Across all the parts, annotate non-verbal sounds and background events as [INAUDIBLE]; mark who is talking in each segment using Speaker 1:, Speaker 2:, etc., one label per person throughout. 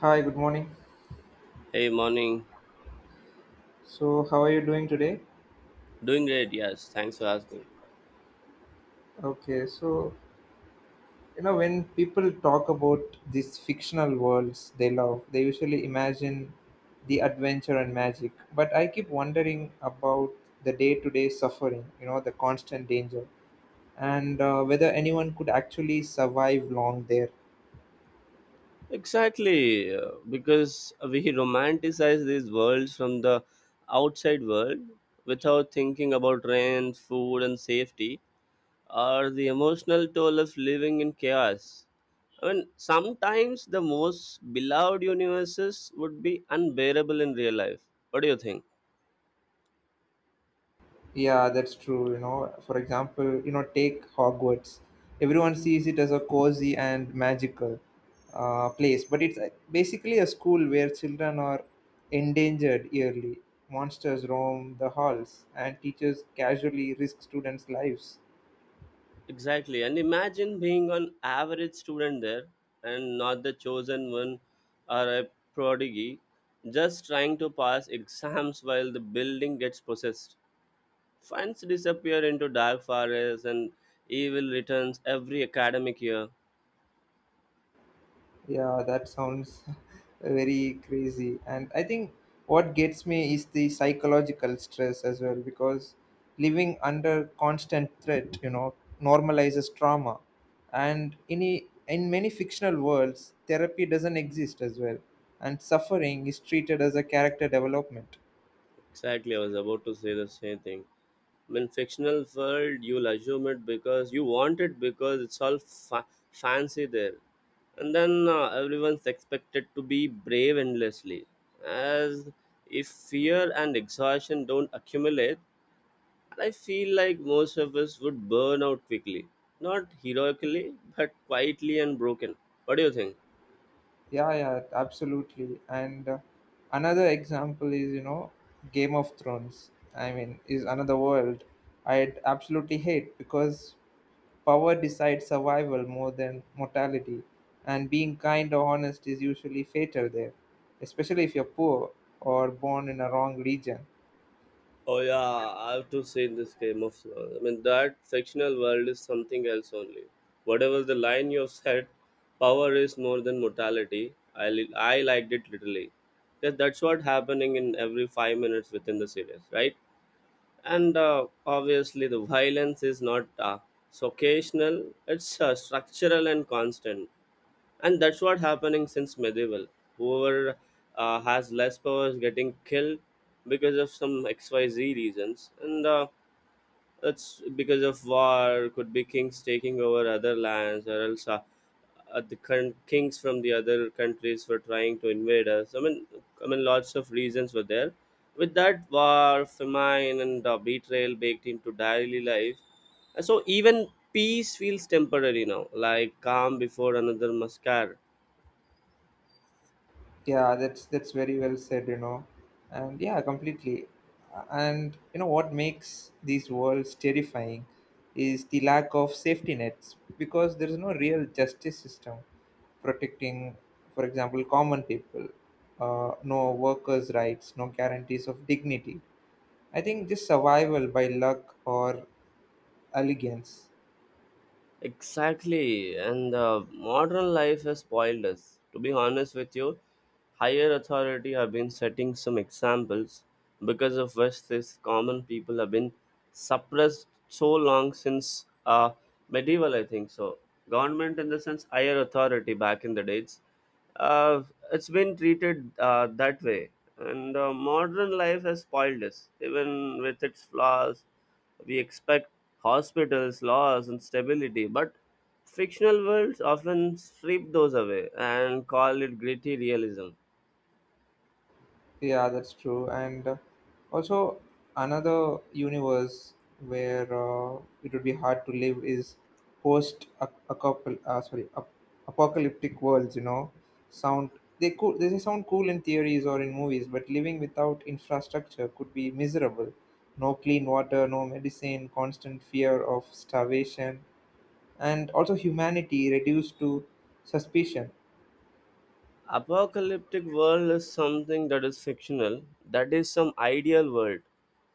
Speaker 1: Hi, good morning.
Speaker 2: Hey, morning.
Speaker 1: So, how are you doing today?
Speaker 2: Doing great, yes. Thanks for asking.
Speaker 1: Okay, so when people talk about these fictional worlds they love, they usually imagine the adventure and magic. But I keep wondering about the day to day suffering, you know, the constant danger, and whether anyone could actually survive long there.
Speaker 2: Exactly, because we romanticize these worlds from the outside world without thinking about rent, food, and safety, or the emotional toll of living in chaos. I mean, sometimes the most beloved universes would be unbearable in real life. What do you think?
Speaker 1: Yeah, that's true. You know, for example, take Hogwarts. Everyone sees it as a cozy and magical place, but it's basically a school where children are endangered yearly. Monsters roam the halls, and teachers casually risk students' lives.
Speaker 2: Exactly. And imagine being an average student there and not the chosen one or a prodigy, just trying to pass exams while the building gets possessed. Funds disappear into dark forests and evil returns every academic year.
Speaker 1: Yeah, that sounds [LAUGHS] very crazy. And I think what gets me is the psychological stress as well, because living under constant threat, you know, normalizes trauma. And in many fictional worlds, therapy doesn't exist as well, and suffering is treated as a character development.
Speaker 2: Exactly. I was about to say the same thing. In fictional world, you'll assume it because you want it, because it's all fancy there. And then everyone's expected to be brave endlessly, as if fear and exhaustion don't accumulate. I feel like most of us would burn out quickly, not heroically but quietly and broken. What do you think?
Speaker 1: Yeah, absolutely. And another example is, you know, Game of Thrones. I mean, is another world I'd absolutely hate because power decides survival more than mortality, and being kind or honest is usually fatal there, especially if you're poor or born in a wrong region.
Speaker 2: Oh yeah, I've to say in this Game of Thrones. I mean, that fictional world is something else only. Whatever the line you've said, power is more than mortality. I liked it literally. Because that's what happening in every 5 minutes within the series, right? And obviously, the violence is not occasional; it's structural and constant, and that's what happening since medieval. Whoever has less power is getting killed because of some xyz reasons, and it's because of war. Could be kings taking over other lands, or else the current kings from the other countries were trying to invade us. I mean, lots of reasons were there. With that, war, famine, and betrayal baked into daily life, and so even peace feels temporary now, like calm before another mascara.
Speaker 1: Yeah, that's very well said, you know. And yeah, completely. And you know what makes these worlds terrifying is the lack of safety nets because there is no real justice system protecting, for example, common people. No workers' rights, no guarantees of dignity. I think just survival by luck or elegance.
Speaker 2: Exactly, and modern life has spoiled us. To be honest with you, higher authority have been setting some examples, because of which this common people have been suppressed so long since medieval, I think so. Government in the sense higher authority back in the days, uh, it's been treated that way. And modern life has spoiled us. Even with its flaws, we expect hospitals, laws, and stability, but fictional worlds often strip those away and call it gritty realism.
Speaker 1: Yeah, that's true. And also, another universe where it would be hard to live is post a couple sorry ap- apocalyptic worlds. You know, sound sound cool in theories or in movies, but living without infrastructure could be miserable. No clean water, no medicine, constant fear of starvation, and also humanity reduced to suspicion.
Speaker 2: Apocalyptic world is something that is fictional, that is some ideal world.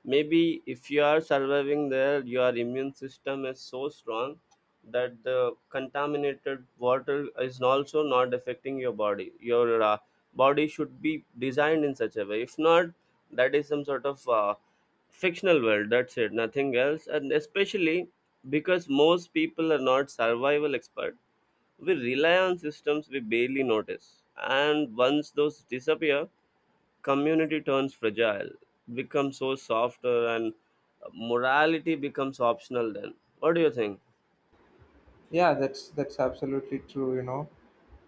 Speaker 2: Maybe if you are surviving there, your immune system is so strong that the contaminated water is also not affecting your body. Your body should be designed in such a way. If not, that is some sort of fictional world, that's it, nothing else. And especially because most people are not survival expert, we rely on systems we barely notice, and once those disappear, community turns fragile, becomes so softer, and morality becomes optional. Then what do you think?
Speaker 1: Yeah, that's absolutely true, you know.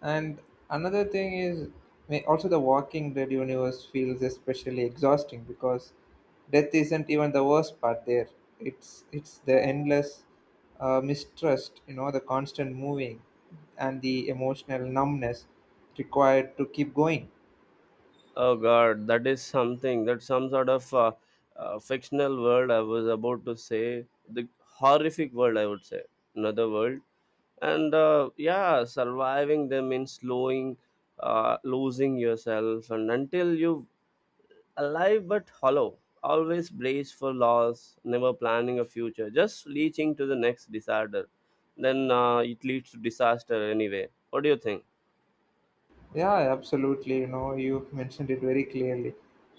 Speaker 1: And another thing is, also the walking dead universe feels especially exhausting because death isn't even the worst part there. It's the endless mistrust, you know, the constant moving and the emotional numbness required to keep going.
Speaker 2: Oh god, that is something, that's some sort of fictional world. I was about to say the horrific world, I would say, another world. And yeah, surviving them means slowing, losing yourself, and until you alive but hollow, always blaze for loss, never planning a future, just reaching to the next disorder. Then it leads to disaster anyway. What do you think?
Speaker 1: Yeah, absolutely. You know, you mentioned it very clearly.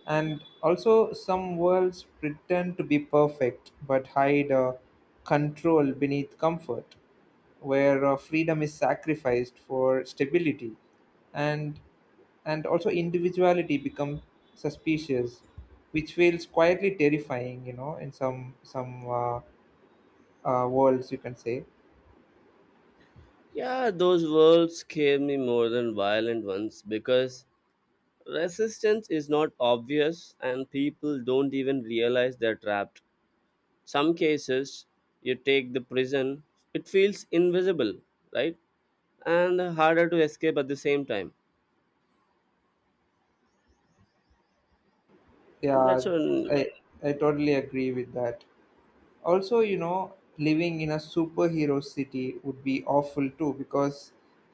Speaker 1: And also, some worlds pretend to be perfect but hide a control beneath comfort, where freedom is sacrificed for stability, and and also individuality become suspicious, which feels quietly terrifying. You know, in some worlds, you can say.
Speaker 2: Yeah, those words scare me more than violent ones, because resistance is not obvious and people don't even realize they're trapped. Some cases, you take the prison, it feels invisible, right? And harder to escape at the same time. That's
Speaker 1: Yeah,
Speaker 2: when,
Speaker 1: I I totally agree with that. Also, you know, living in a superhero city would be awful too, because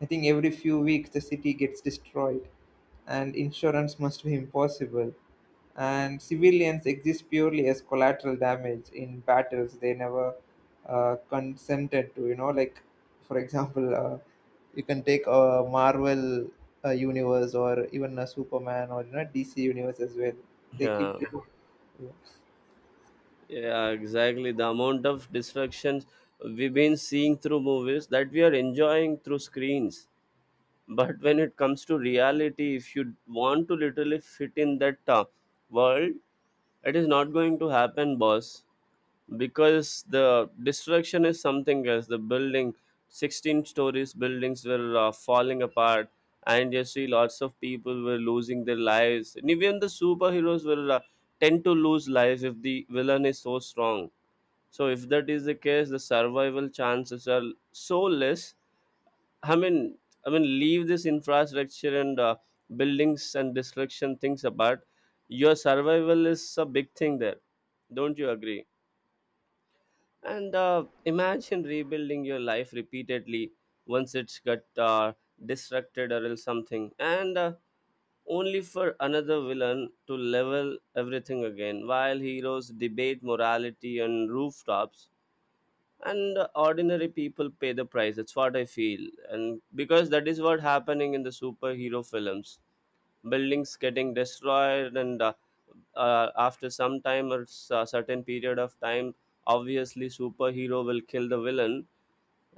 Speaker 1: I think every few weeks the city gets destroyed and insurance must be impossible, and civilians exist purely as collateral damage in battles they never consented to, you know. Like, for example, you can take a Marvel universe, or even a Superman, or you know, DC universe as well. They
Speaker 2: yeah,
Speaker 1: keep. Yeah.
Speaker 2: yeah exactly, the amount of distractions we've been seeing through movies that we are enjoying through screens. But when it comes to reality, if you want to literally fit in that world, it is not going to happen, boss. Because the destruction is something else. The building, 16 stories buildings were falling apart, and you see lots of people were losing their lives, and even the superheroes will tend to lose lives if the villain is so strong. So if that is the case, the survival chances are so less. I mean i mean leave this infrastructure and buildings and destruction things apart, your survival is a big thing there. Don't you agree? And imagine rebuilding your life repeatedly, once it's got disrupted or else something, and only for another villain to level everything again, while heroes debate morality on rooftops, and ordinary people pay the price. That's what I feel, and because that is what happening in the superhero films. Buildings getting destroyed, and after some time or a certain period of time, obviously superhero will kill the villain.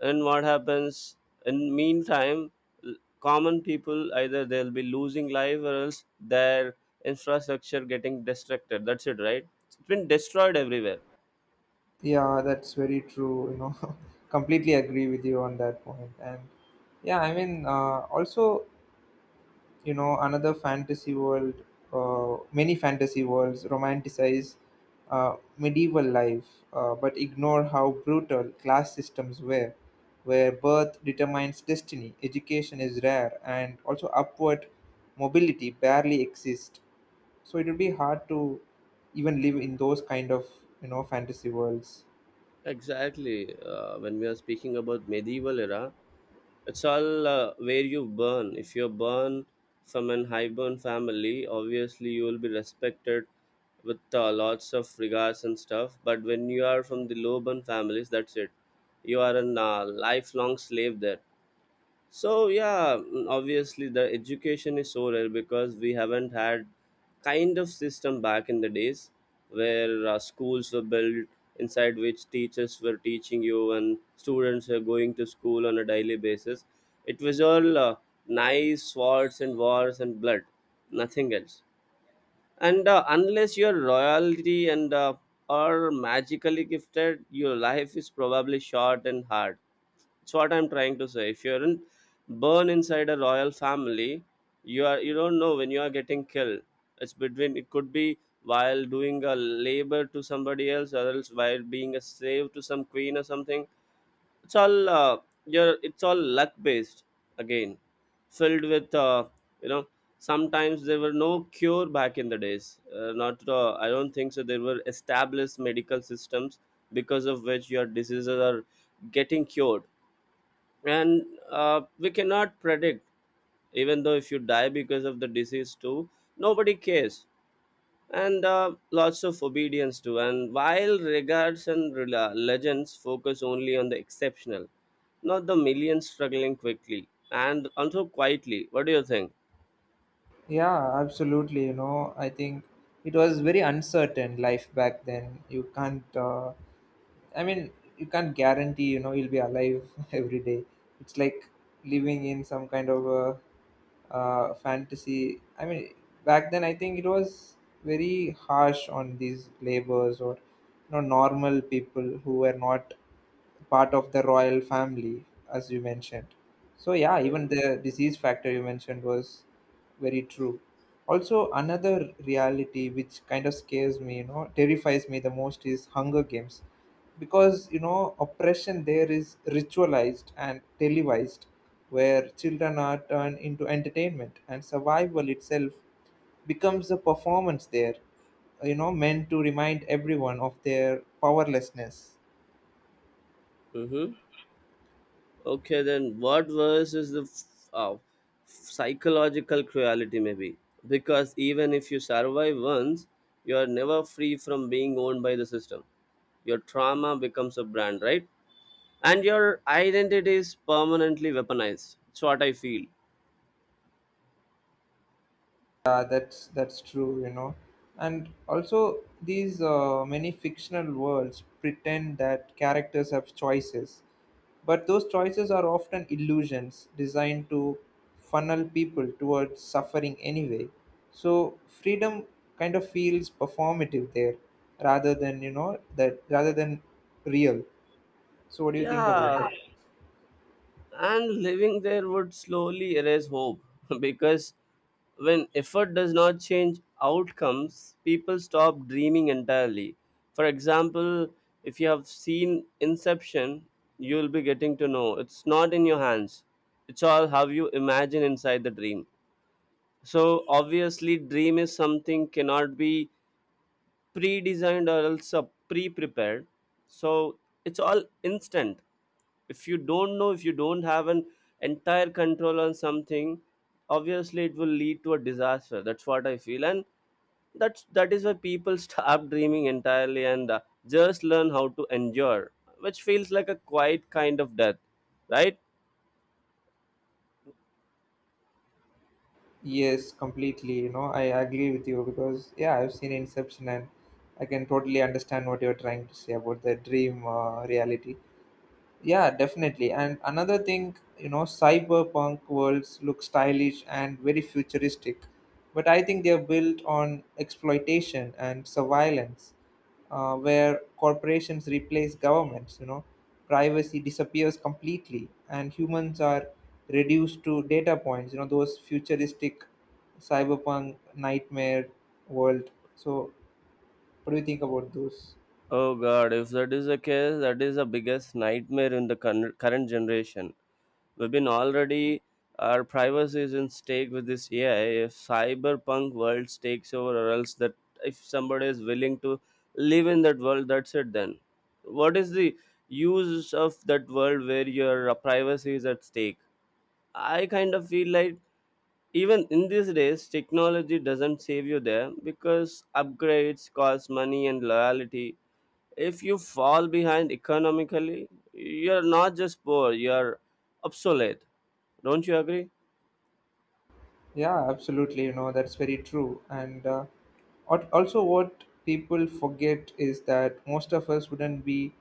Speaker 2: And what happens in meantime? Common people, either they'll be losing life, or else their infrastructure getting destructed, that's it, right? It's been destroyed everywhere.
Speaker 1: Yeah, that's very true. You know, [LAUGHS] completely agree with you on that point. And yeah, I mean, also, you know, another fantasy world, many fantasy worlds romanticize medieval life, but ignore how brutal class systems were, where birth determines destiny, education is rare, and also upward mobility barely exists. So it would be hard to even live in those kind of, you know, fantasy worlds.
Speaker 2: Exactly, when we are speaking about medieval era, it's all where you burn. If you are born from an high born family, obviously you will be respected with lots of regards and stuff. But when you are from the low born families, that's it. You are a lifelong slave there. So yeah, obviously the education is so rare, because we haven't had kind of system back in the days where schools were built inside which teachers were teaching you and students were going to school on a daily basis. It was all knives, swords, and wars and blood, nothing else. And unless you're royalty and are magically gifted, your life is probably short and hard. So what I'm trying to say, if you're in born inside a royal family, you don't know when you are getting killed. It's between, it could be while doing a labor to somebody else, or else while being a slave to some queen or something. It's all you're, it's all luck based again, filled with you know. Sometimes there were no cure back in the days. Not I don't think so. There were established medical systems because of which your diseases are getting cured, and we cannot predict, even though if you die because of the disease too, nobody cares. And lots of obedience too, and while regards and rela legends focus only on the exceptional, not the millions struggling quickly and also quietly. What do you think?
Speaker 1: Yeah, absolutely. You know, I think it was very uncertain life back then. You can't, I mean, you can't guarantee, you know, you'll be alive [LAUGHS] every day. It's like living in some kind of a fantasy. I mean, back then I think it was very harsh on these laborers, or you know, normal people who were not part of the royal family, as you mentioned. So yeah, even the disease factor you mentioned was very true. Also, another reality which kind of scares me, you know, terrifies me the most, is Hunger Games, because you know oppression there is ritualized and televised, where children are turned into entertainment and survival itself becomes a performance there, you know, meant to remind everyone of their powerlessness.
Speaker 2: Mm-hmm. Okay, then what verse is the psychological cruelty, maybe, because even if you survive once, you are never free from being owned by the system. Your trauma becomes a brand, right? And your identity is permanently weaponized, it's what I feel.
Speaker 1: Yeah, that's true, you know. And also, these many fictional worlds pretend that characters have choices, but those choices are often illusions designed to funnel people towards suffering anyway. So freedom kind of feels performative there, rather than you know that, rather than real. So what do you think about
Speaker 2: Yeah,
Speaker 1: that?
Speaker 2: and living there would slowly erase hope [LAUGHS] because when effort does not change outcomes, people stop dreaming entirely. For example, if you have seen Inception, you'll be getting to know it's not in your hands, it's all how you imagine inside the dream. So obviously dream is something cannot be pre-designed or else a pre-prepared. So it's all instant. If you don't know, if you don't have an entire control on something, obviously it will lead to a disaster. That's what I feel. And that is why people [LAUGHS] stop dreaming entirely, and just learn how to endure, which feels like a quiet kind of death, right?
Speaker 1: Yes, completely. You know, I agree with you because yeah, I've seen Inception and I can totally understand what you're trying to say about the dream reality. Yeah, definitely. And another thing, you know, cyberpunk worlds look stylish and very futuristic, but I think they're built on exploitation and surveillance, where corporations replace governments, you know, privacy disappears completely, and humans are reduced to data points, you know, those futuristic cyberpunk nightmare world. So, what do you think about those?
Speaker 2: Oh god, if that is the case, that is the biggest nightmare in the current generation. We've been already, our privacy is in stake with this AI. If cyberpunk world takes over, or else that, if somebody is willing to live in that world, that's it. Then what is the use of that world where your privacy is at stake? I kind of feel like even in these days, technology doesn't save you there, because upgrades cost money and loyalty. If you fall behind economically, you're not just poor; you're obsolete. Don't you agree?
Speaker 1: Yeah, absolutely. You know, that's very true. And also, what people forget is that most of us wouldn't be,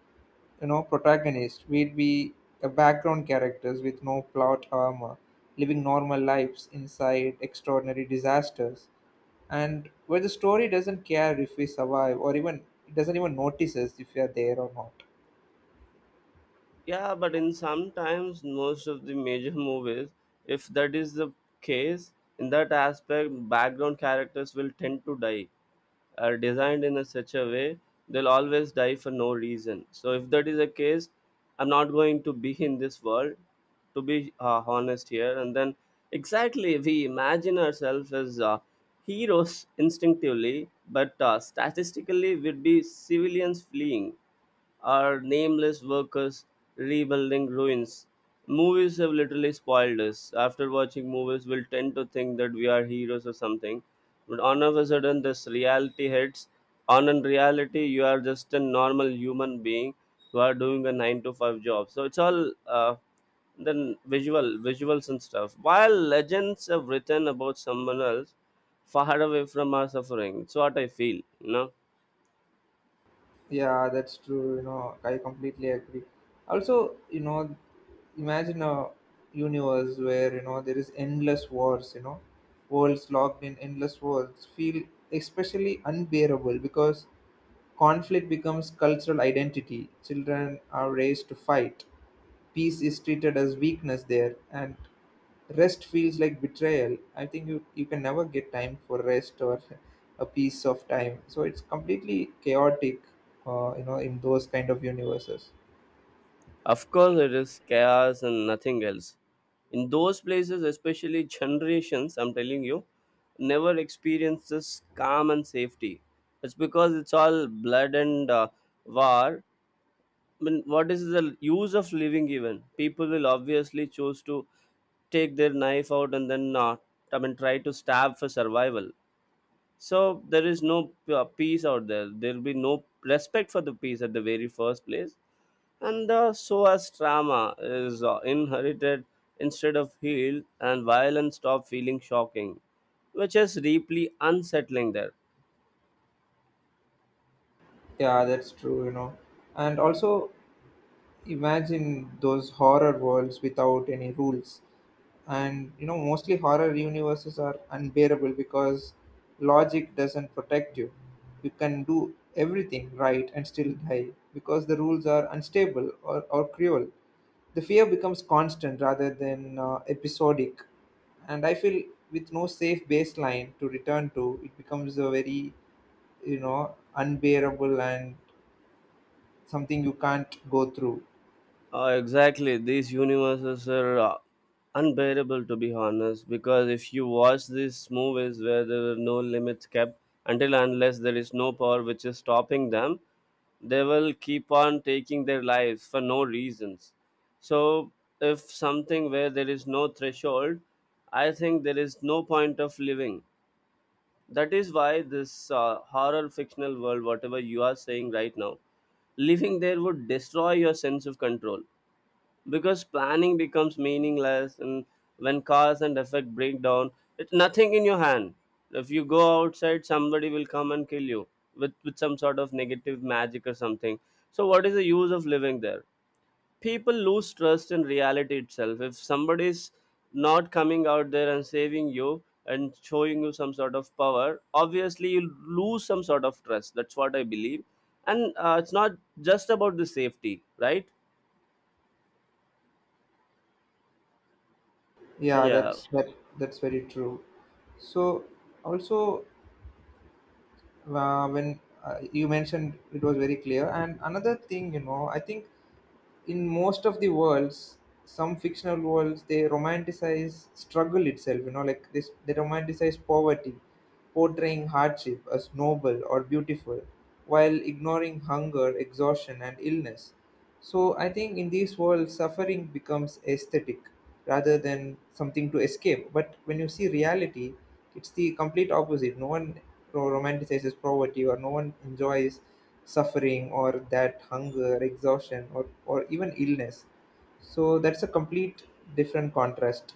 Speaker 1: you know, protagonists. We'd be background characters with no plot armor, living normal lives inside extraordinary disasters. And where the story doesn't care if we survive, or even it doesn't even notice us if we are there or not.
Speaker 2: Yeah, but in sometimes most of the major [LAUGHS] movies, if that is the case, in that aspect, background characters will tend to die. Are designed in a such a way, they'll always die for no reason. So if that is the case, I'm not going to be [LAUGHS] in this world. To be honest here. And then exactly, we imagine ourselves as heroes instinctively, but statistically we'd be civilians fleeing, are nameless workers rebuilding ruins. Movies have literally spoiled us. After watching movies, we'll tend to think that we are heroes or something. But all of a sudden, this reality hits. On in reality, you are just a normal human being who are doing a 9 to 5 job. So it's all then visuals and stuff. While legends have written about someone else far away from our suffering, it's what I feel, you know.
Speaker 1: Yeah, that's true. You know, I completely agree. Also, you know, imagine a universe where you know there is endless wars. You know, worlds locked in endless wars feel especially unbearable because conflict becomes cultural identity. Children are raised to fight. Peace is treated as weakness there, and rest feels like betrayal. I think you can never get time for rest or [LAUGHS] a piece of time. So it's completely chaotic, you know, in those kind of universes.
Speaker 2: Of course, it is chaos and nothing else. In those places, especially generations, I'm telling you, never experiences calm and safety. It's because it's all blood and war. I mean, what is the use of living even? People will obviously choose to take their knife out and then try to stab for survival, so there is no peace out there. There will be no respect for the peace at the very first place, and the soas trauma is inherited instead of healed, and violence stop feeling shocking, which is deeply unsettling there.
Speaker 1: Yeah, that's true, you know. And also, imagine those horror worlds without any rules. And you know, mostly horror universes are unbearable because logic doesn't protect you. You can do everything right and still die, because the rules are unstable or cruel. The fear becomes constant rather than episodic. And I feel, with no safe baseline to return to, it becomes a very, you know, unbearable and something you can't go through.
Speaker 2: Exactly. These universes are unbearable, to be honest, because if you watch these movies where there are no limits kept, until and unless there is no power which is stopping them, they will keep on taking their lives for no reasons. So, if something where there is no threshold, I think there is no point of living. That is why this horror fictional world, whatever you are saying right now, living there would destroy your sense of control, because planning becomes meaningless, and when cause and effect break down, it's nothing in your hand. If you go outside, somebody will come and kill you with some sort of negative magic or something. So what is the use of living there? People lose trust in reality itself. If somebody is not coming out there and saving you and showing you some sort of power, obviously you lose some sort of trust. That's what I believe. And it's not just about the safety, right?
Speaker 1: Yeah,
Speaker 2: Yeah.
Speaker 1: that's very true. So also, when you mentioned it was very clear. And another thing, you know, I think in most of the worlds, some fictional worlds they romanticize struggle itself. You know, like this, they romanticize poverty, portraying hardship as noble or beautiful while ignoring hunger, exhaustion, and illness. So I think in these worlds suffering becomes aesthetic rather than something to escape. But when you see reality, it's the complete opposite. No one romanticizes poverty, or no one enjoys suffering, or that hunger, exhaustion, or even illness. So that's a complete different contrast.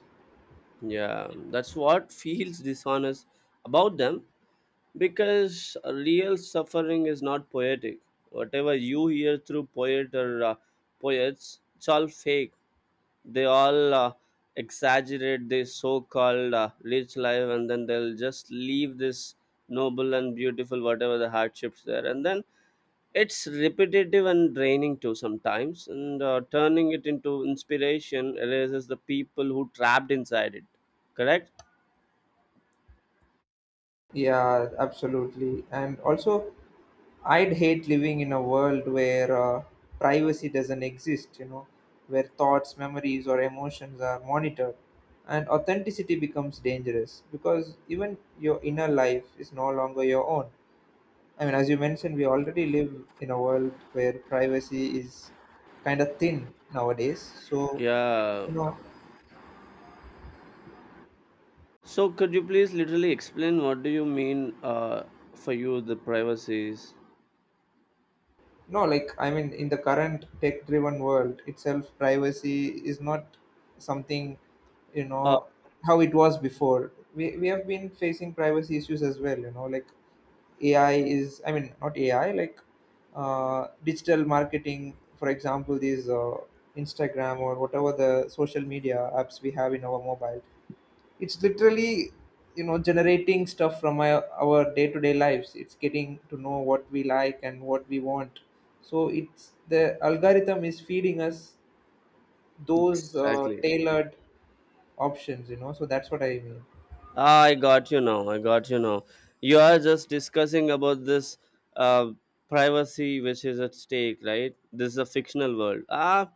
Speaker 2: Yeah, that's what feels dishonest about them, because real suffering is not poetic. Whatever you hear through poet or poets, it's all fake. They all exaggerate this so-called rich life, and then they'll just leave this noble and beautiful whatever the hardships there, and then it's repetitive and draining too sometimes, and turning it into inspiration erases the people who trapped inside it. Correct.
Speaker 1: Yeah, absolutely. And also, I'd hate living in a world where privacy doesn't exist, you know, where thoughts, memories, or emotions are monitored. And authenticity becomes dangerous because even your inner life is no longer your own. I mean, as you mentioned, we already live in a world where privacy is kind of thin nowadays. So,
Speaker 2: Yeah.
Speaker 1: you know,
Speaker 2: So could you please literally explain what do you mean, for you the privacies?
Speaker 1: no, like, I mean, in the current tech driven world itself, privacy is not something, you
Speaker 2: Uh,
Speaker 1: know, how it was before. We have been facing privacy issues as well, you know, like AI is, I mean, not AI, like digital marketing, for example, these Instagram or whatever the social media apps we have in our mobile. It's literally, you know, generating stuff from our day-to-day lives. It's getting to know what we like and what we want. So it's the algorithm is feeding us those
Speaker 2: exactly.
Speaker 1: tailored options, you know. So that's what I mean.
Speaker 2: Ah, I got you now. I got you now. You are just discussing about this uh, privacy which is at stake, right? This is a fictional world. Ah,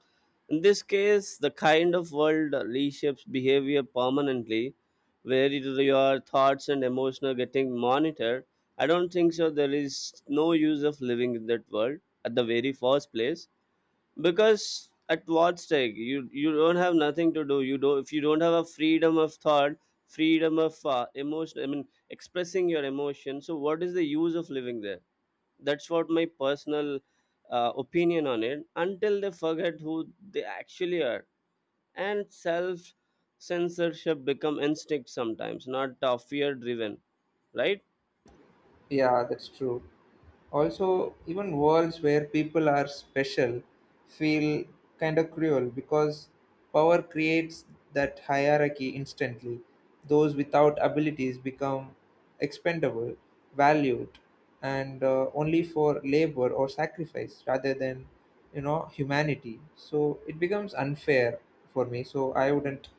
Speaker 2: in this case, the kind of world reshapes behavior permanently, where it is your thoughts and emotions are getting monitored. I don't think so. There is no use of living in that world at the very first place, because at what stake? You don't have nothing to do. You don't, if you don't have a freedom of thought, freedom of emotion, I mean expressing your emotion, so what is the use of living there? That's what my personal opinion on it, until they forget who they actually are, and self censorship become instinct sometimes, not fear driven, right?
Speaker 1: Yeah, that's true. Also, even worlds where people are special feel kind of cruel because power creates that hierarchy instantly. Those without abilities become expendable, valued, and only for labor or sacrifice rather than, you know, humanity. So it becomes unfair for me, so I wouldn't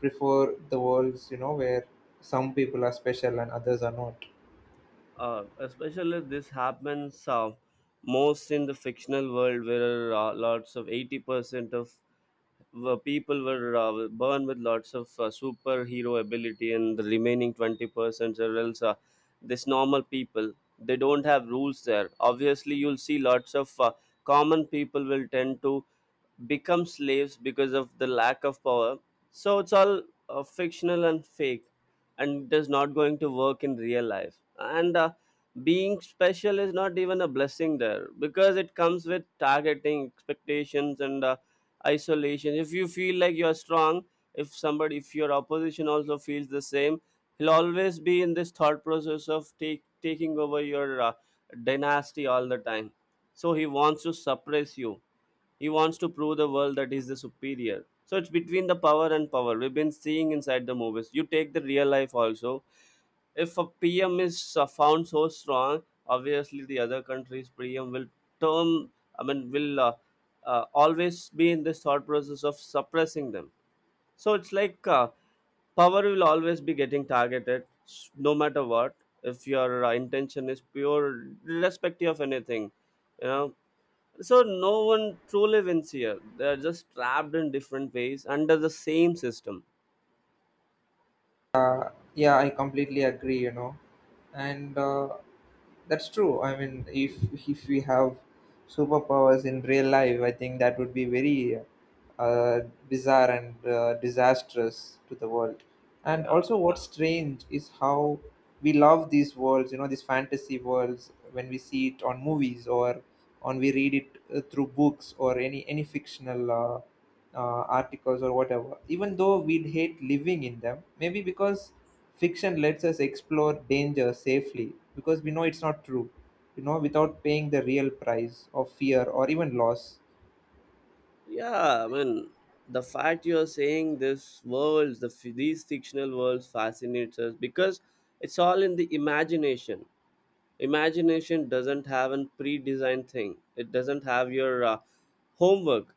Speaker 1: prefer the worlds, you know, where some people are special and others are not.
Speaker 2: Especially this happens most in the fictional world, where lots of 80% of people were born with lots of superhero ability, and the remaining 20% are else, this normal people, they don't have rules there. Obviously you'll see lots of common people will tend to become slaves because of the lack of power. So it's all fictional and fake, and it is not going to work in real life. And being special is not even a blessing there, because it comes with targeting expectations and isolation. If you feel like you are strong, if somebody, if your opposition also feels the same, he'll always be in this thought process of taking over your dynasty all the time. So he wants to suppress you, he wants to prove the world that he's the superior. So it's between the power and power. We've been seeing inside the movies. You take the real life also. If a PM is found so strong, obviously the other country's PM will term. I mean, will uh, always be in this thought process of suppressing them. So it's like power will always be getting targeted no matter what, if your intention is pure irrespective of anything, you know. So no one truly wins here, they're just trapped in different ways under the same system.
Speaker 1: Yeah, I completely agree, you know. And that's true. I mean, if we have superpowers in real life, I think that would be very uh, bizarre and disastrous to the world. And
Speaker 2: Yeah.
Speaker 1: also, what's strange is how we love these worlds, you know, these fantasy worlds when we see it on movies, or on, we read it through books, or any fictional articles or whatever. Even though we'd hate living in them, maybe because fiction lets us explore danger safely because we know it's not true, you know, without paying the real price of fear or even loss.
Speaker 2: Yeah i mean the fact you're saying this worlds, these fictional worlds fascinates us, because it's all in the imagination. Imagination doesn't have a pre-designed thing, it doesn't have your homework.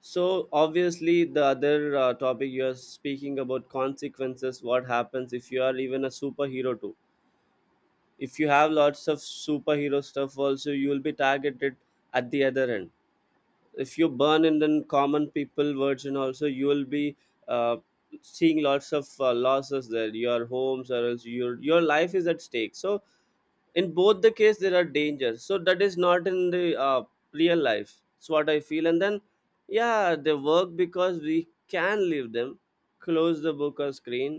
Speaker 2: So obviously the other topic you're speaking about, consequences, what happens if you are even a superhero too? If you have lots of superhero stuff also, you will be targeted at the other end. If you burn in the common people version also, you will be uh, seeing lots of losses there, your homes, or else your life is at stake. So in both the case there are dangers, so that is not in the real life, it's what I feel. And then yeah, they work because we can leave them, close the book or screen,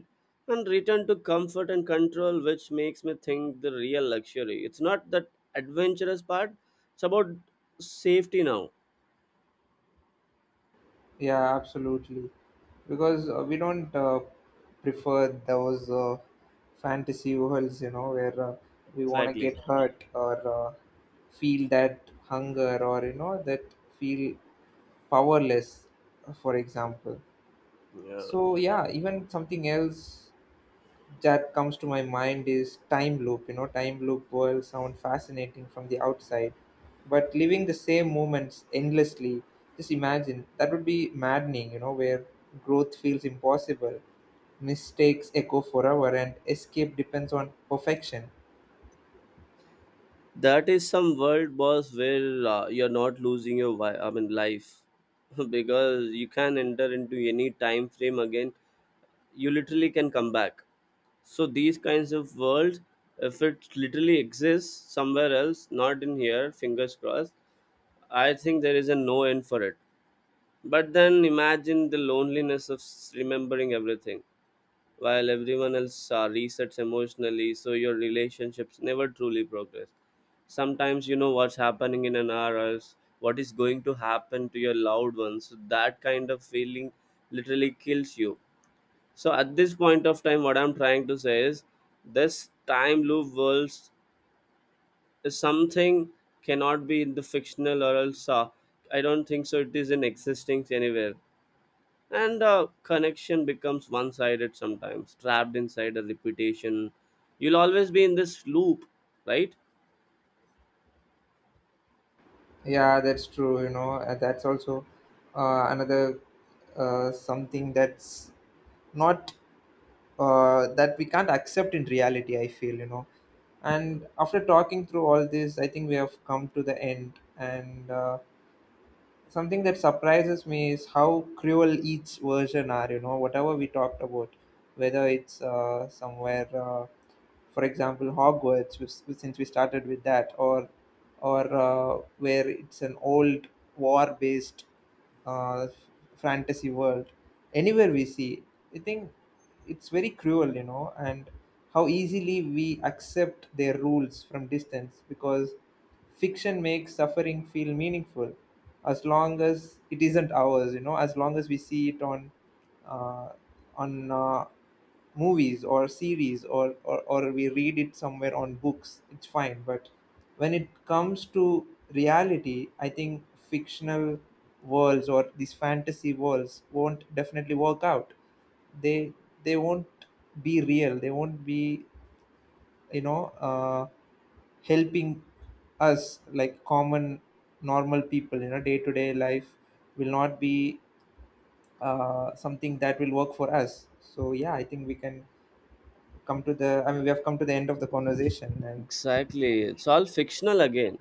Speaker 2: and return to comfort and control, which makes me think the real luxury, it's not that adventurous part, it's about safety now.
Speaker 1: Yeah, absolutely. Because we don't prefer those fantasy worlds, you know, where we want to
Speaker 2: Exactly.
Speaker 1: get hurt or feel that hunger, or, you know, that feel powerless, for example.
Speaker 2: Yeah,
Speaker 1: So, yeah, even something else that comes to my mind is time loop. You know, time loop will sound fascinating from the outside, but living the same moments endlessly, just imagine that would be maddening, you know, where growth feels impossible, mistakes echo forever, and escape depends on perfection.
Speaker 2: that is some world boss where you're not losing your life [LAUGHS] because you can enter into any time frame again, you literally can come back. So these kinds of worlds, if it literally exists somewhere else, not in here, fingers crossed, I think there is a no end for it. But then imagine the loneliness of remembering everything while everyone else resets emotionally, so your relationships never truly progress. Sometimes you know what's happening in an hour or else what is going to happen to your loved ones. So that kind of feeling literally kills you. So at this point of time, what I'm trying to say is this time loop world is something cannot be in the fictional or else, I don't think so. It is in existing anywhere, and connection becomes one-sided sometimes, trapped inside a reputation. You'll always be in this loop, right?
Speaker 1: Yeah, that's true, you know. That's also another, something that's not, that we can't accept in reality, I feel, you know. And after talking through all this, I think we have come to the end. And something that surprises me is how cruel each version are. You know, whatever we talked about, whether it's somewhere, for example Hogwarts which, since we started with that, or or where it's an old war based uh, fantasy world, anywhere we see, I think it's very cruel, you know. And how easily we accept their rules from distance, because fiction makes suffering feel meaningful as long as it isn't ours. You know, as long as we see it on uh, on uh, movies or series, or or we read it somewhere on books, it's fine. But when it comes to reality, I think fictional worlds or these fantasy worlds won't definitely work out. They they won't be real, they won't be, you know, helping us like common normal people, you know, day to day life will not be something that will work for us. So yeah, I think we can come to the, I mean we have come to the end of the conversation. And
Speaker 2: Exactly, it's all fictional again.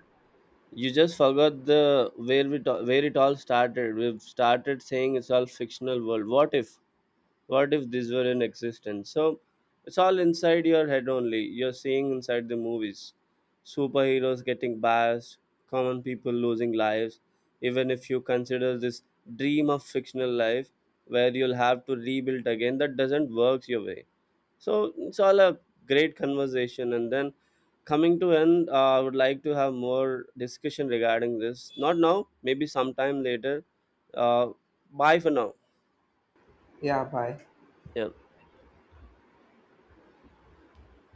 Speaker 2: You just forgot the where where it all started. We've started saying it's all fictional world. What if? What if these were in existence? So it's all inside your head only, you're seeing inside the movies, superheroes getting bashed, common people losing lives. Even if you consider this dream of fictional life where you'll have to rebuild again, that doesn't work your way. So it's all a great conversation, and then coming to end, I would like to have more discussion regarding this, not now, maybe sometime later. uh, Bye for now.
Speaker 1: yeah, bye.
Speaker 2: Yeah.